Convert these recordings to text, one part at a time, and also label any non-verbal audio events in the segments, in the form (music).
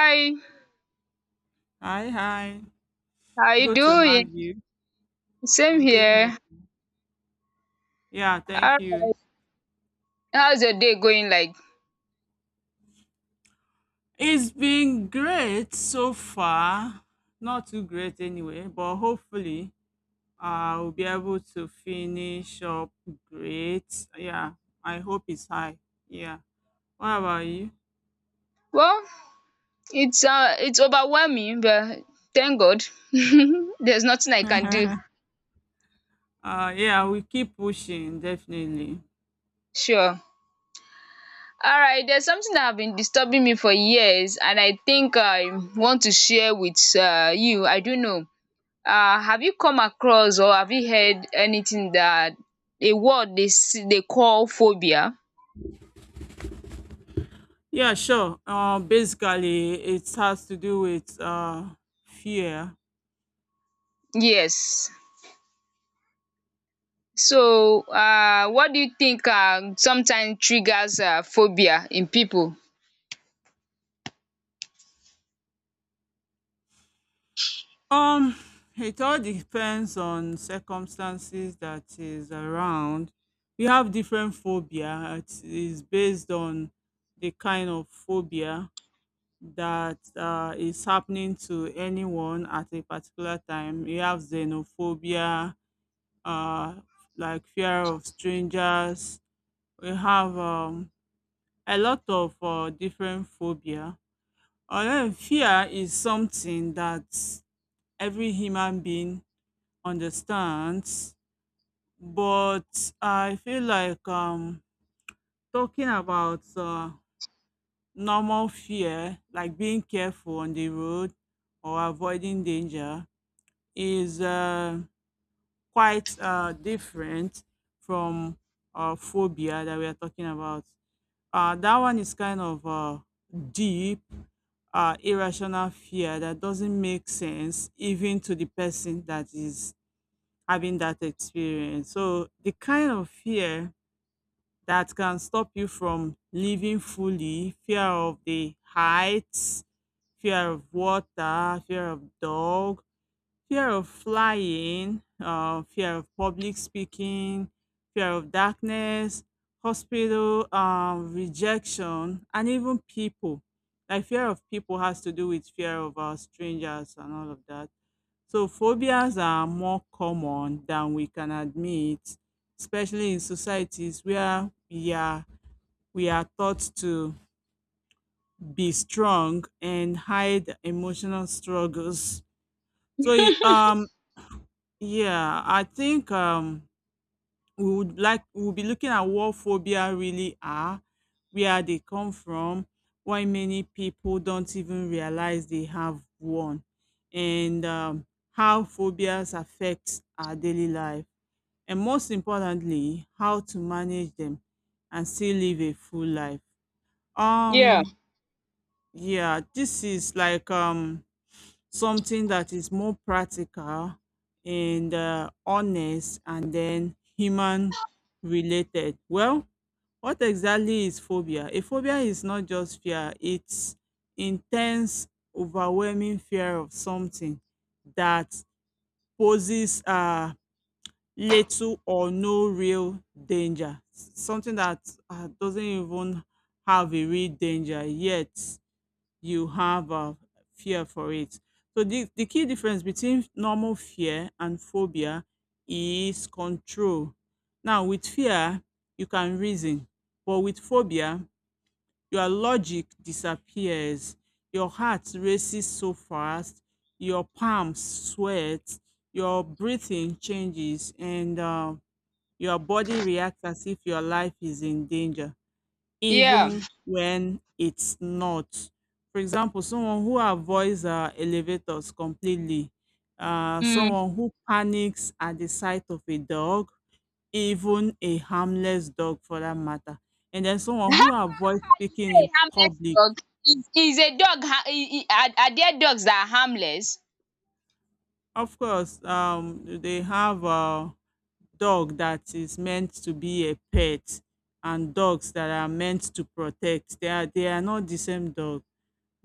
Hi, Hi, hi. how you Good to have doing? you. Same I'm doing here. okay. Yeah, thank Alright, you. how's your day going like? It's been great so far. Not too great anyway, but hopefully I'll be able to finish up great. Yeah, I hope it's high. Yeah. What about you? Well, it's overwhelming, but thank God (laughs) there's nothing I can do. (laughs) Yeah, we keep pushing, definitely. Sure. Alright, there's something that have been disturbing me for years and I think I want to share with you. I don't know. Have you come across or have you heard anything that a word they call phobia? Yeah, sure. Basically, it has to do with fear. Yes. So what do you think sometimes triggers phobia in people? Um, it all depends on circumstances that is around. We have different phobia. It is based on the kind of phobia that is happening to anyone at a particular time. You have xenophobia, uh, like fear of strangers. We have a lot of different phobia. Although fear is something that every human being understands, but I feel like talking about normal fear, like being careful on the road or avoiding danger, is quite different from phobia that we are talking about. That one is kind of deep, irrational fear that doesn't make sense even to the person that is having that experience. So the kind of fear that can stop you from living fully: fear of the heights, fear of water, fear of dog, fear of flying, fear of public speaking, fear of darkness, hospital rejection, and even people. Like fear of people has to do with fear of strangers and all of that. So phobias are more common than we can admit, especially in societies where we are taught to be strong and hide emotional struggles. So yeah, I think we would like we'll be looking at what phobia really are, where they come from, why many people don't even realize they have one, and how phobias affect our daily life, and most importantly, how to manage them and still live a full life. Yeah. Um, yeah, this is like something that is more practical and honest and then human related. Well, what exactly is phobia? A phobia is not just fear, it's intense, overwhelming fear of something that poses little or no real danger. Something that doesn't even have a real danger, yet you have a fear for it. So, the key difference between normal fear and phobia is control. Now, with fear, you can reason, but with phobia, your logic disappears, your heart races so fast, your palms sweat, your breathing changes, and your body reacts as if your life is in danger, Yeah. even when it's not. For example, someone who avoids elevators completely, Mm. someone who panics at the sight of a dog, even a harmless dog for that matter, and then someone who avoids (laughs) You speaking say in harmless public. dog? Is a dog ha I- are there dogs that are harmless? Of course, they have dog that is meant to be a pet and dogs that are meant to protect. They are not the same dog,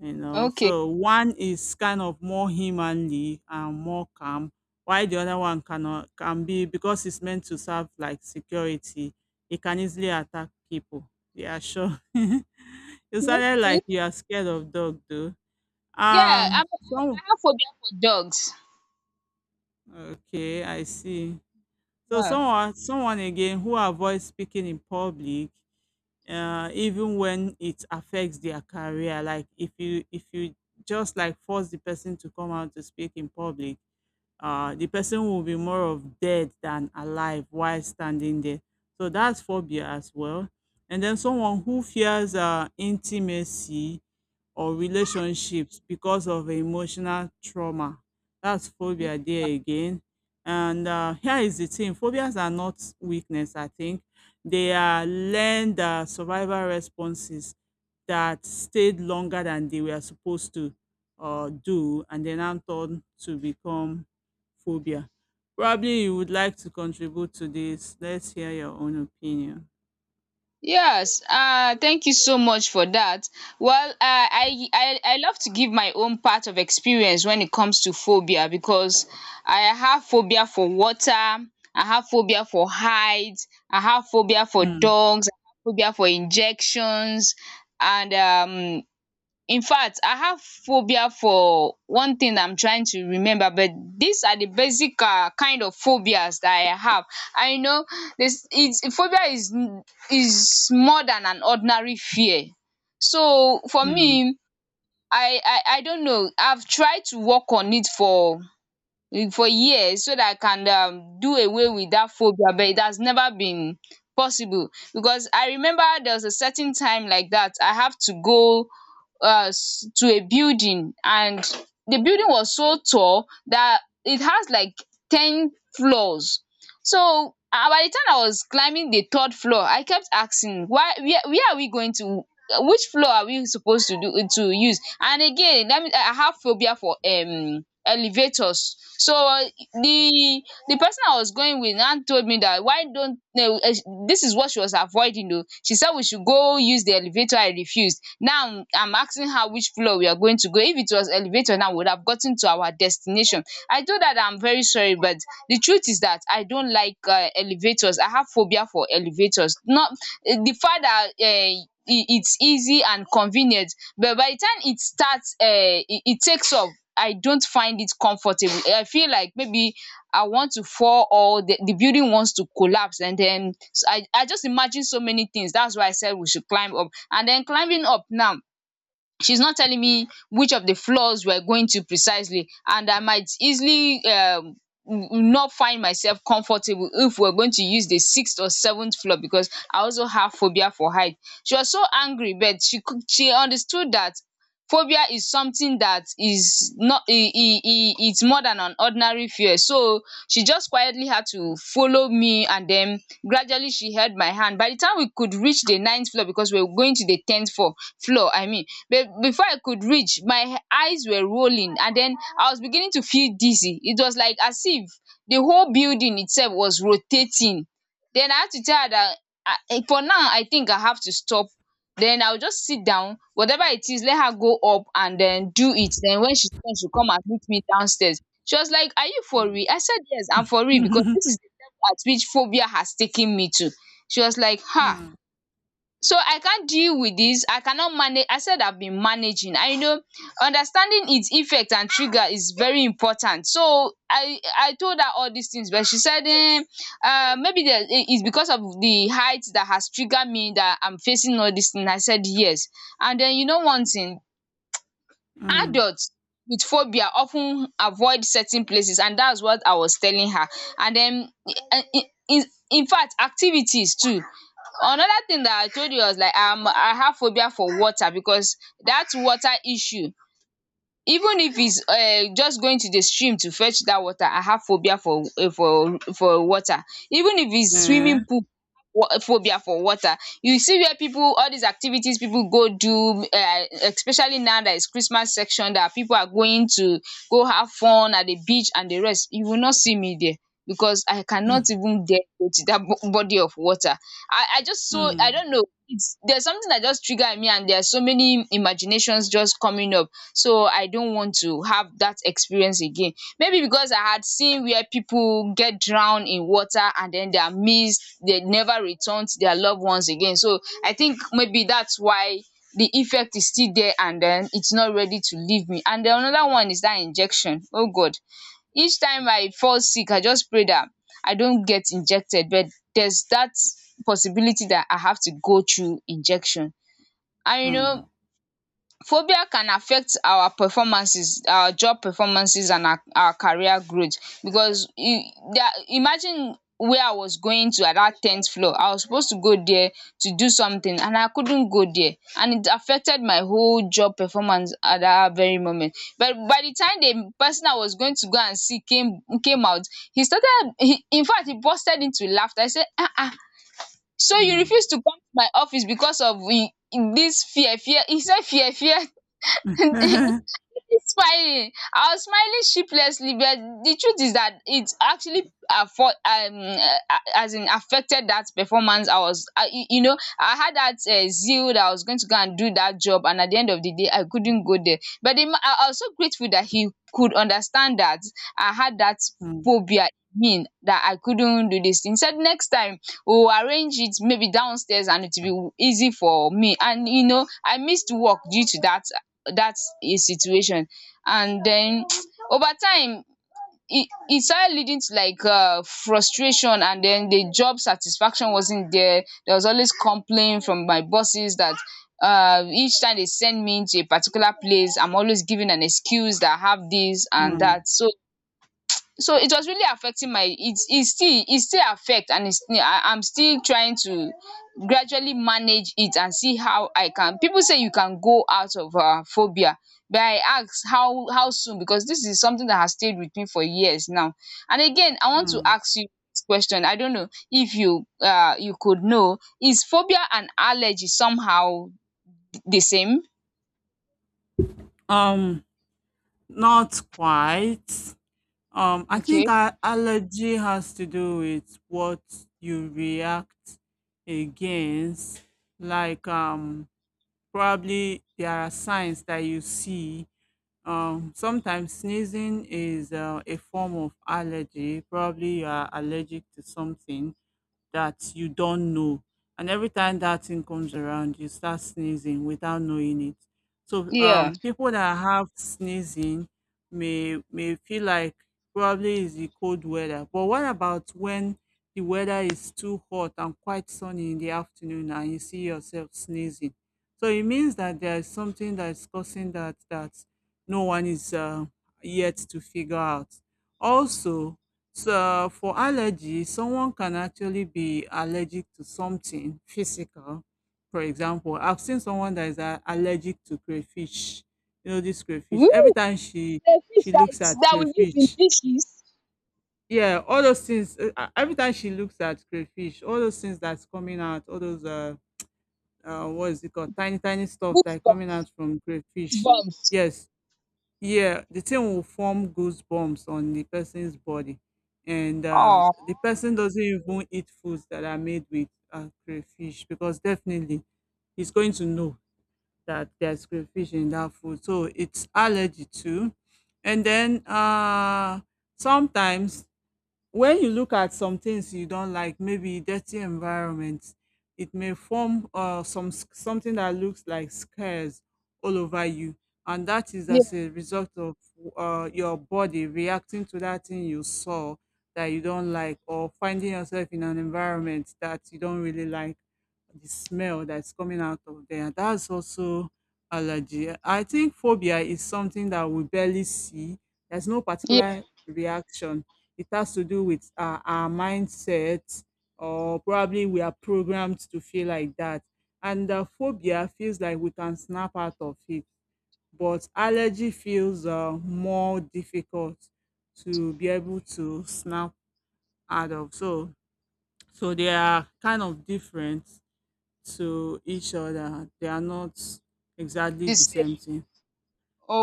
you know. Okay. So one is kind of more humanly and more calm, while the other one cannot can be because it's meant to serve like security. It can easily attack people. Yeah, sure. (laughs) You sounded Okay. like you are scared of dog though. Yeah, So I have phobia for dogs. okay, I see. So Yeah. someone again who avoids speaking in public, even when it affects their career, like if you just like force the person to come out to speak in public, the person will be more of dead than alive while standing there. So that's phobia as well. And then someone who fears intimacy or relationships because of emotional trauma. That's phobia there again. And here is the thing: phobias are not weakness, I think. They are learned survival responses that stayed longer than they were supposed to do, and then now turned to become phobia. Probably you would like to contribute to this. Let's hear your own opinion. Yes, thank you so much for that. Well, I love to give my own part of experience when it comes to phobia because I have phobia for water, I have phobia for heights, I have phobia for Hmm. dogs, I have phobia for injections, and in fact, I have phobia for one thing I'm trying to remember, but these are the basic kind of phobias that I have. I know this it's phobia is more than an ordinary fear. So for Hmm. me, I don't know, I've tried to work on it for years so that I can do away with that phobia, but it has never been possible because I remember there was a certain time like that I have to go to a building, and the building was so tall that it has like 10 floors. So ah, by the time I was climbing the third floor, I kept asking, why, where are we going to, which floor are we supposed to do to use? And again, let me, I have phobia for elevators. So the the person I was going with now told me that why don't, no? This is what she was avoiding. Though she said we should go use the elevator, I refused. Now I'm asking her which floor we are going to go. If it was elevator now, we would have gotten to our destination. I know that I'm very sorry, but the truth is that I don't like elevators. I have phobia for elevators. Not the fact that it's easy and convenient, but by the time it starts it takes off, I don't find it comfortable. I feel like maybe I want to fall, or the building wants to collapse, and then I just imagine so many things. That's why I said we should climb up. And then climbing up now, she's not telling me which of the floors we're going to precisely, and I might easily not find myself comfortable if we're going to use the sixth or seventh floor, because I also have phobia for height. She was so angry, but she understood that phobia is something that is not e e e it's more than an ordinary fear. So she just quietly had to follow me, and then gradually she held my hand. By the time we could reach the ninth floor, because we were going to the tenth floor, I mean, but before I could reach, my eyes were rolling, and then I was beginning to feel dizzy. It was like as if the whole building itself was rotating. Then I had to tell her that I for now I think I have to stop. Then I'll just sit down. Whatever it is, let her go up and then do it. Then when she's done, she'll come and meet me downstairs. She was like, "Are you for Hmm. real?" I said, "Yes, I'm for real, because this (laughs) is the level at which phobia has taken me to." She was like, "Ha, Hmm. so I can't deal with this, I cannot manage." I said, "I've been managing." I know understanding its effect and trigger is very important, so I told her all these things. But she said, maybe it's because of the height that has triggered me that I'm facing all these things. I said yes. And then, you know, one thing: Hmm. adults with phobia often avoid certain places, and that's what I was telling her. And then, in in in fact, activities too. Another thing that I told you was like, I have phobia for water, because that water issue, even if it's just going to the stream to fetch that water, I have phobia for for water, even if it's eh, swimming pool, phobia for water. You see where people, all these activities people go do, especially now that it's Christmas section, that people are going to go have fun at the beach and the rest, you will not see me there, because I cannot Hmm. even get to that body of water. I just, so I Hmm. don't know, it's there's something that just triggered me, and there are so many imaginations just coming up, so I don't want to have that experience again. Maybe because I had seen where people get drowned in water, and then they are missed, they never return to their loved ones again. So I think maybe that's why the effect is still there, and then it's not ready to leave me. And the another one is that injection, oh God, each time I fall sick, I just pray that I don't get injected, but there's that possibility that I have to go through injection. And you know, Hmm. phobia can affect our performances, our job performances, and our career growth. Because imagine where I was going to at that tenth floor, I was supposed to go there to do something, and I couldn't go there, and it affected my whole job performance at that very moment. But by the time the person I was going to go and see came out, he started he in fact, he busted into laughter. I said, "Ah, ah! So you Hmm. refuse to come to my office because of this fear?" He said, "Fear (laughs) (laughs) it's fine." I was smiling sheeplessly, but the truth is that it actually afford as in affected that performance. I was, you know, I had that zeal that I was going to go and do that job, and at the end of the day, I couldn't go there. But the, ma- I was so grateful that he could understand that I had that Hmm. phobia mean that I couldn't do this thing. He said next time we'll arrange it maybe downstairs and it will be easy for me. And you know, I missed work due to that, that's his situation. And then (tsk) over time, it started leading to like frustration, and then the job satisfaction wasn't there. There was always complaint from my bosses that each time they send me to a particular place, I'm always giving an excuse that I have this and Hmm. that. So it was really affecting my, it still, affect. And it's, I'm still trying to gradually manage it and see how I can. People say you can go out of phobia, but I ask how soon? Because this is something that has stayed with me for years now. And again, I want to Hmm. ask you this question, I don't know if you you could know, is phobia and allergy somehow the same? Um, Not quite. I Okay. think allergy has to do with what you react against. Like, probably there are signs that you see. Sometimes sneezing is a form of allergy. Probably you are allergic to something that you don't know. And every time that thing comes around, you start sneezing without knowing it. So Yeah. People that have sneezing may feel like probably is the cold weather. But what about when the weather is too hot and quite sunny in the afternoon and you see yourself sneezing? So it means that there is something that is causing that no one is yet to figure out. Also, so for allergy, someone can actually be allergic to something physical. For example, I've seen someone that is allergic to crayfish. You know this crayfish. Every Woo! time she The fish she that, looks is, at that we use in crayfish, dishes, yeah, all those things. Every time she looks at crayfish, all those things that's coming out, all those what is it called, tiny tiny stuff that are coming goosebumps. out from crayfish. Bumps. Yes, yeah, the thing will form goosebumps on the person's body, and Oh, the person doesn't even eat foods that are made with crayfish, because definitely he's going to know that there's crayfish in that food, so it's allergy too. And then sometimes when you look at some things you don't like, maybe dirty environments, it may form something that looks like scars all over you, and that is yeah, as a result of your body reacting to that thing you saw that you don't like, or finding yourself in an environment that you don't really like, the smell that's coming out of there. That's also allergy. I think phobia is something that we barely see. There's no yeah, particular reaction. It has to do with our mindset, or probably we are programmed to feel like that. And phobia feels like we can snap out of it, but allergy feels more difficult to be able to snap out of. So, they are kind of different to each other. They are not exactly the the same. same thing.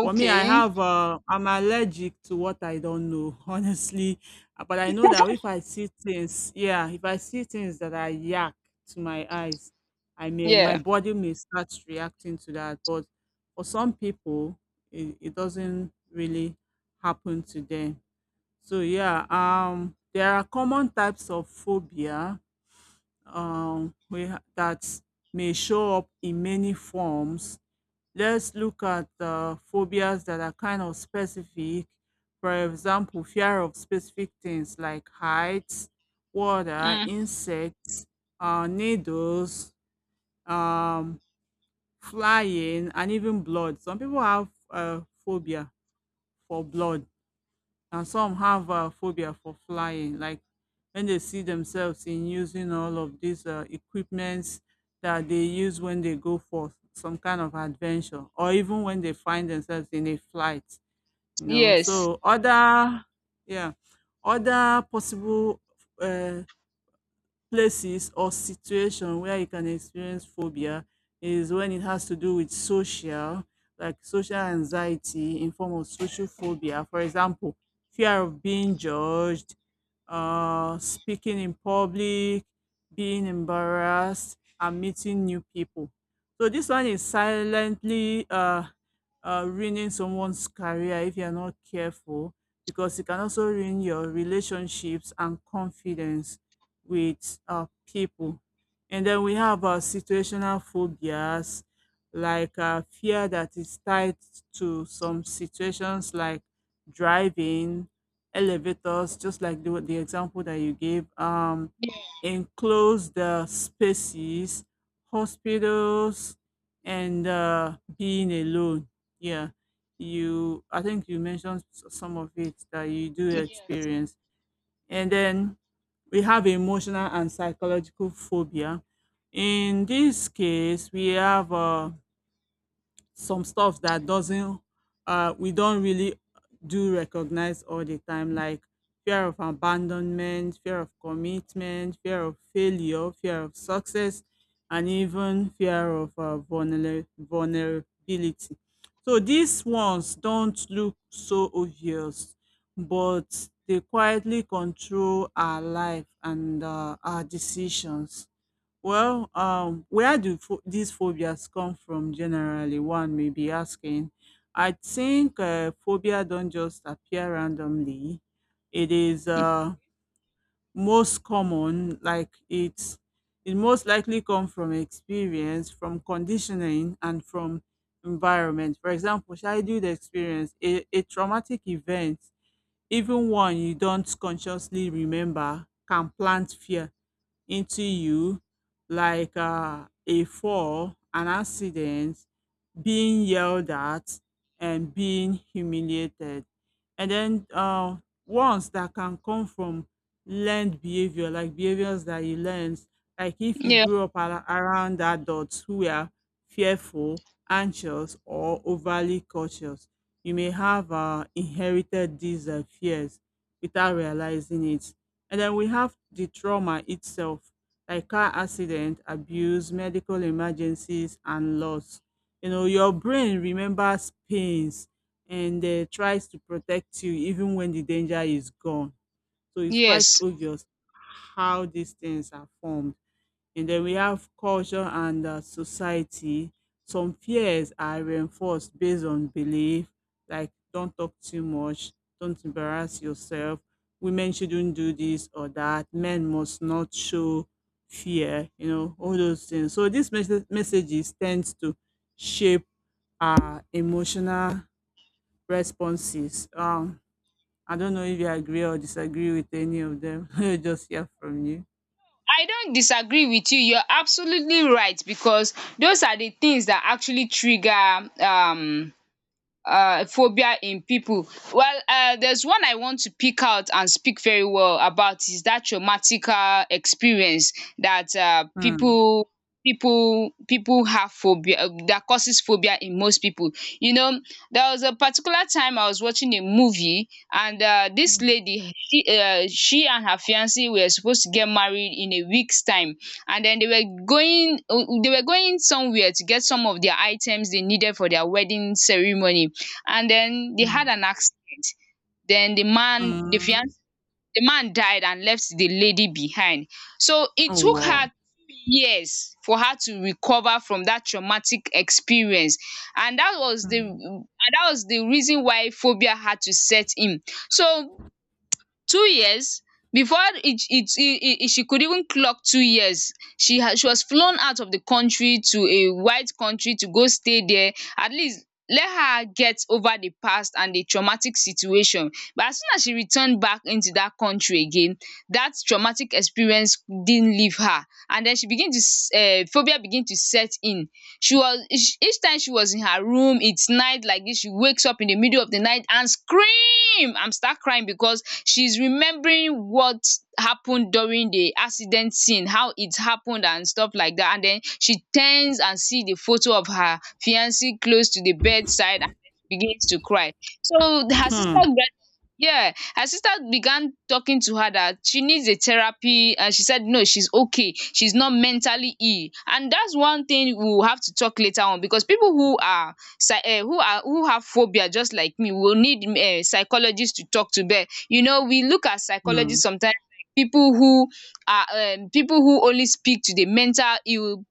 For me, I have uh, I'm allergic to what I don't know, (laughs) honestly. But I know that if I see things, yeah, if I see things that are yak to my eyes, I may my yeah, body may start reacting to that. But for some people, it doesn't really happen to them. So yeah, there are common types of phobia that may show up in many forms. Let's look at phobias that are kind of specific. For example, fear of specific things like heights, water, mm, insects, needles, um, flying, and even blood. Some people have phobia for blood, and some have phobia for flying, like when they see themselves in using all of these equipments that they use when they go for some kind of adventure, or even when they find themselves in a flight, yes, so yeah other possible uh, places or situation where you can experience phobia is when it has to do with social, like social anxiety in form of social phobia. For example, fear of being judged, speaking in public, being embarrassed, and meeting new people. So this one is silently ruining someone's career if you're not careful, because it can also ruin your relationships and confidence with people. And then we have situational phobias, like fear that is tied to some situations like driving, elevators, just like the example that you gave, yeah, enclosed spaces, hospitals, and being alone. Yeah, you. I think you mentioned some of it that you do experience, and then we have emotional and psychological phobia. In this case, we have some stuff that doesn't we don't really do recognize all the time, like fear of abandonment, fear of commitment, fear of failure, fear of success, and even fear of vulnerability. So these ones don't look so obvious, but they quietly control our life and our decisions. Well, where do these phobias come from generally? One may be asking. I think phobia don't just appear randomly. It is most common, like it most likely come from experience, from conditioning, and from environment. For example, childhood experience, a traumatic event, even one you don't consciously remember, can plant fear into you, like a fall, an accident, being yelled at, and being humiliated. And then ones that can come from learned behavior, like behaviors that you learned, like if you yeah, grew up around adults who were fearful, anxious, or overly cautious, you may have inherited these fears without realizing it. And then we have the trauma itself, like car accident, abuse, medical emergencies, and loss. You know, your brain remembers pains and tries to protect you even when the danger is gone. So it's quite yes. obvious how these things are formed. And then we have culture and society. Some fears are reinforced based on belief, like don't talk too much, don't embarrass yourself, women shouldn't do this or that, men must not show fear, you know, all those things. So these messages tend to shape our emotional responses. I don't know if you agree or disagree with any of them. (laughs) Just hear from you. I don't disagree with you. You're absolutely right, because those are the things that actually trigger phobia in people. Well, there's one I want to pick out and speak very well about is that traumatic experience that Hmm. People have phobia that causes phobia in most people. You know, there was a particular time I was watching a movie, and this lady, she and her fiance were supposed to get married in a week's time, and then they were going somewhere to get some of their items they needed for their wedding ceremony, and then they had Mh, an accident. Then the man, the mh. fiance, the man died and left the lady behind. So it Oh, took wow. her years for her to recover from dat traumatic experience, and Mh. Dat was the reason why phobia had to set in. So 2 years before it, it, it, it she could even clock 2 years, she had she was flown out of the country to a white country to go stay there, at least let her get over the past and the traumatic situation. But as soon as she returned back into that country again, that traumatic experience didn't leave her, and then she began to phobia begin to set in. She was each time she was in her room, it's night like this, she wakes up in the middle of the night and screams, scream and start crying because she's remembering what happened during the accident scene, how it happened and stuff like that. And then she turns and see the photo of her fiancé close to the bedside, and then begins to cry. So her sister Hmm. get, yeah, her sister began talking to her that she needs a therapy, and she said no, she's okay. She's not mentally ill. And that's one thing we will have to talk later on, because people who are psy who are who have phobia just like me will need psychologist to talk to. But we look at psychologists Mh. sometimes like people who are people who only speak to the mental ill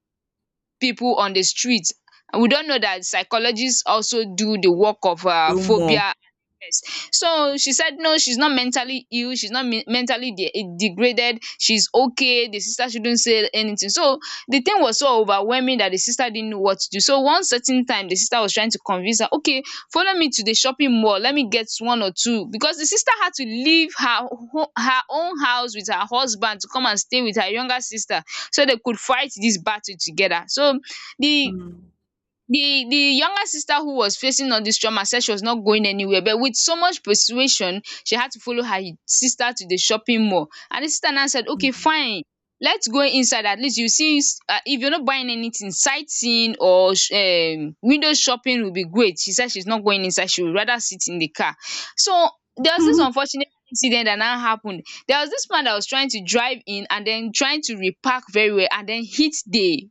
people on the street. And we don't know that psychologists also do the work of The more. phobia. So she said, no, she's not mentally ill. She's not mentally degraded. She's okay. The sister shouldn't say anything. So the thing was so overwhelming that the sister didn't know what to do. So one certain time, the sister was trying to convince her, okay, follow me to the shopping mall. Let me get one or two. Because the sister had to leave her, her own house with her husband to come and stay with her younger sister, so they could fight this battle together. So the Mh, the younger sister who was facing all this trauma said she was not going anywhere, but with so much persuasion she had to follow her sister to the shopping mall. And the sister now said, okay, mh. fine, let's go inside, at least you see, if you're not buying anything, sightseeing or window shopping will be great. She said she's not going inside, she would rather sit in the car. So there was this (laughs) unfortunate incident that now happened. There was this man that was trying to drive in and then trying to repark very well, and then hit the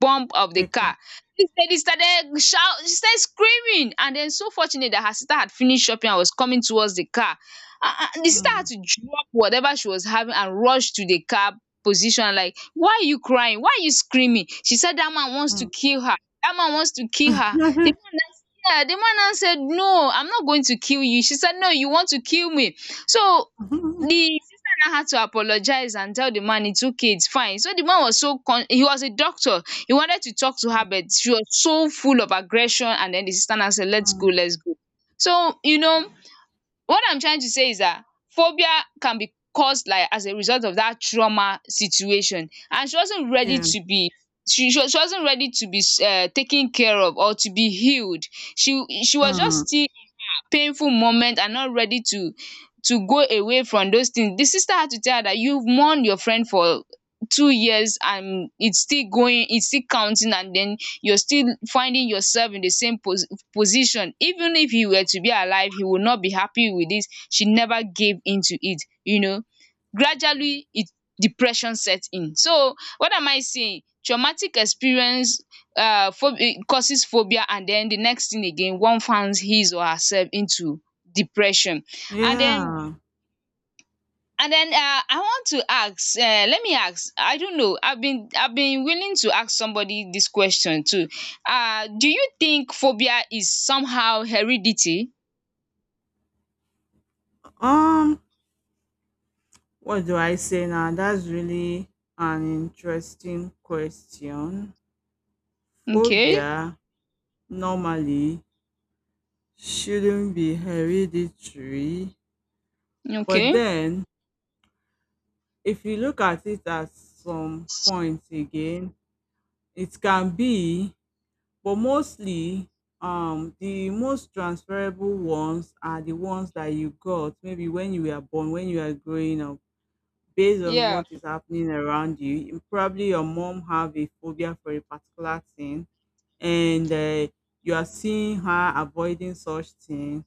bump of the Keka. car. She said, lady started shout, she started screaming. And then so fortunate that her sister had finished shopping and was coming towards the car. Ah ah, the sister had Mh, to drop whatever she was having and rush to the car position, like, why are you crying? Why are you screaming? She said that man wants to mh. kill her. That man wants to kill her. The Mhm. man now, yeah, the man now said, no, I'm not going to kill you. She said, no, you want to kill me. So (laughs) the sister now had to apologize and tell the man it's okay, it's fine. So the man was so he was a doctor, he wanted to talk to her, Mm, but she was so full of aggression. And then the sister now said, let's go, mm. let's go. So, what I'm trying to say is that phobia can be caused like as a result of that trauma situation. And she wasn't ready Yeah. to be, she wasn't ready to be taken care of or to be healed. She was Mm. just still painful moment and not ready to go away from those things. The sister had to tell her that you've mourned your friend for 2 years, and it's still going, it's still counting, and then you're still finding yourself in the same position. Even if he were to be alive, he would not be happy with this. She never gave in to it, Gradually, it depression set in. So, what am I saying? Traumatic experience um causes phobia, and then the next thing again, one finds his or herself into depression. And then Yeah. I want to ask. Let me ask. I don't know. I've been willing to ask somebody this question too. Do you think phobia is somehow heredity? Um, what do I say now? That's really an interesting question. Okay. Phobia normally shouldn't be hereditary, but Okay. then if you look at it at some point again, it can be, but mostly, the most transferable ones are the ones that you got maybe when you were born, when you are growing up, based on Yeah. what is happening around you. And probably your mom have a phobia for a particular thing, and you are seeing her avoiding such thing.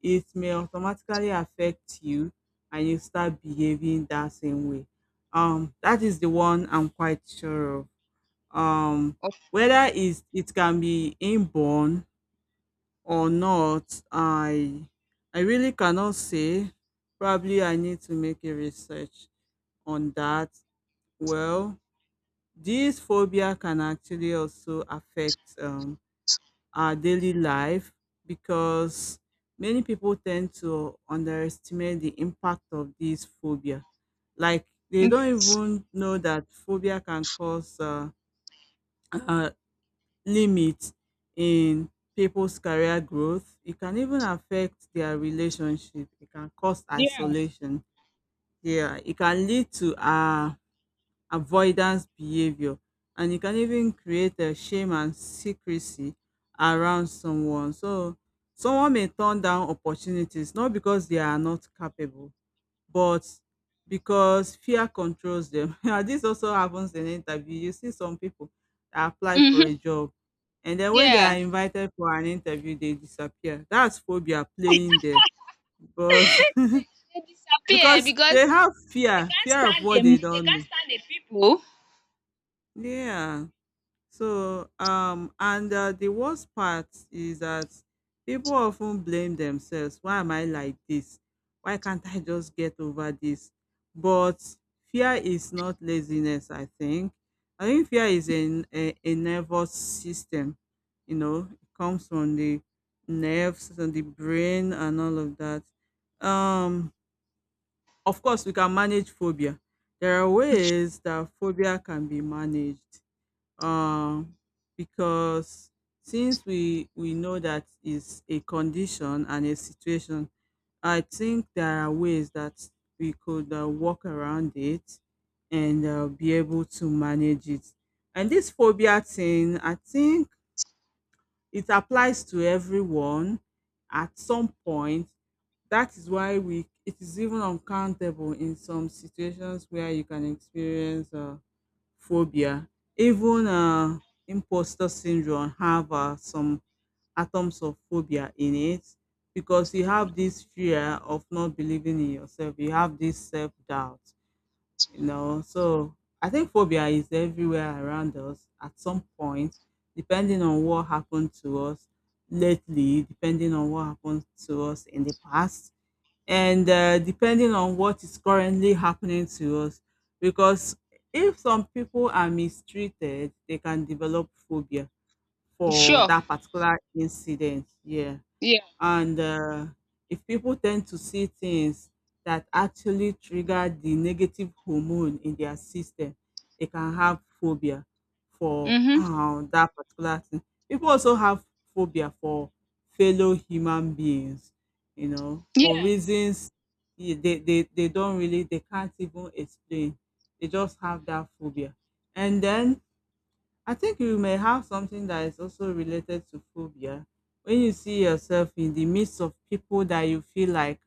It may automatically affect you, and you start behaving that same way. That is the one I'm quite sure of. Um, Of- Whether is it can be inborn or not, I really cannot say. Probably I need to make a research on that. Well, this phobia can actually also affect our daily life because many people tend to underestimate the impact of this phobia. Like they don't yes. even know that phobia can cause uh, limit in people's career growth. It can even affect their relationship. It can cause Yeah. isolation. Yeah, it can lead to avoidance behavior and it can even create a shame and secrecy around someone. So someone may turn down opportunities not because they are not capable but because fear controls them. (laughs) And this also happens in interview. You see some people that apply for a Mm-hmm. job and then when they are Yeah. invited for an interview, they disappear. That's phobia playing there. But (laughs) Appear because because they have they fear, can't fear of stand what them. they They don't can't know. stand the people. Yeah. So, and the worst part is that people often blame themselves. Why am I like this? Why can't I just get over this? But fear is not laziness, I think. I think fear is a nervous system, you know, it comes from the nerves and the brain and all of that. Um, of course, we can manage phobia. There are ways that phobia can be managed, um, because since we know that is a condition and a situation, I think there are ways that we could work around it and be able to manage it. And this phobia thing, I think it applies to everyone at some point. That is why we it is even uncountable in some situations where you can experience. Phobia, even imposter syndrome have some atoms of phobia in it because you have this fear of not believing in yourself. You have this self doubt, you know. So I think phobia is everywhere around us at some point, depending on what happened to us lately, depending on what happened to us in the past and depending on what is currently happening to us because if some people are mistreated they can develop phobia for Sure. that particular incident, yeah, Yeah. and if people tend to see things that actually trigger the negative hormone in their system they can have phobia for Mm-hmm. That particular thing. People also have phobia for fellow human beings, you know, for Yeah. reasons they don't really they can't even explain. They just have that phobia. And then I think you may have something that is also related to phobia. When you see yourself in the midst of people that you feel like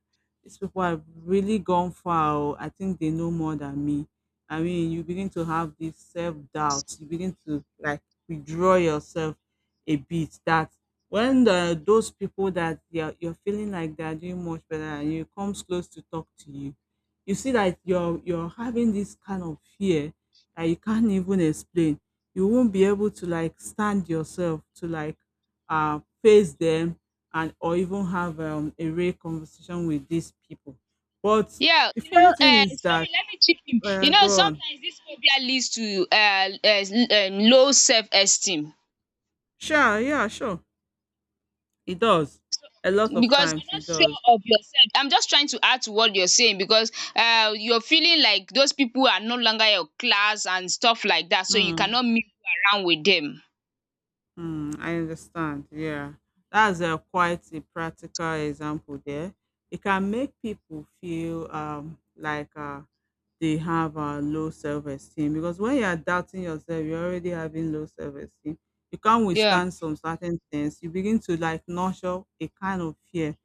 these people have really gone far, oh, I think they know more than me. I mean, you begin to have this self doubt. You begin to like withdraw yourself a bit. That when those people that you're feeling like they're doing much better and you comes close to talk to you, you see that you're having this kind of fear that you can't even explain. You won't be able to like stand yourself to like face them and or even have a real conversation with these people. But Yeah, the you know, funny thing is sorry, that let me chip in. You know, go on. sometimes this phobia leads to low self esteem. Sure, yeah, sure. It does. A lot of Because you're times not it does. sure of yourself, I'm just trying to add to what you're saying, because you're feeling like those people are no longer your class and stuff like that, so you Hmm. cannot move around with them. Mm, I understand. Yeah, that's a quite a practical example there. It can make people feel they have a low self-esteem because when you are doubting yourself, you're already having low self-esteem. You can't Yeah, withstand some certain things. You begin to like nurture a kind of fear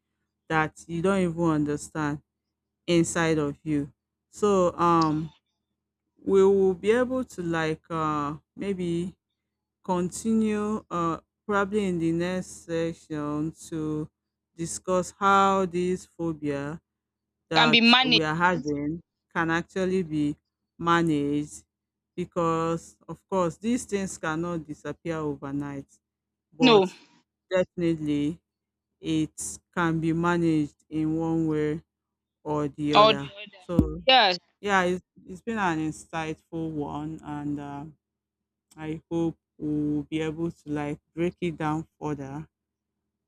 that you don't even understand inside of you. So we will be able to like maybe continue probably in the next section to discuss how this phobia can that be we managed, are right. having can actually be managed, because of course these things cannot disappear overnight but No, definitely it can be managed in one way or the or the other. other. So Yeah. yeah, it's been an insightful one and I hope we'll be able to like break it down further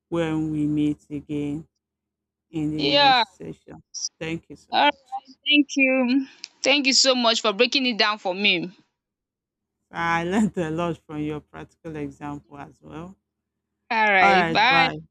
when we meet again in the Yeah, next session. Thank you so all right, much. thank you, thank you so much for breaking it down for me. I (laughs) learned a lot from your practical example as well. All All right, right, bye. bye.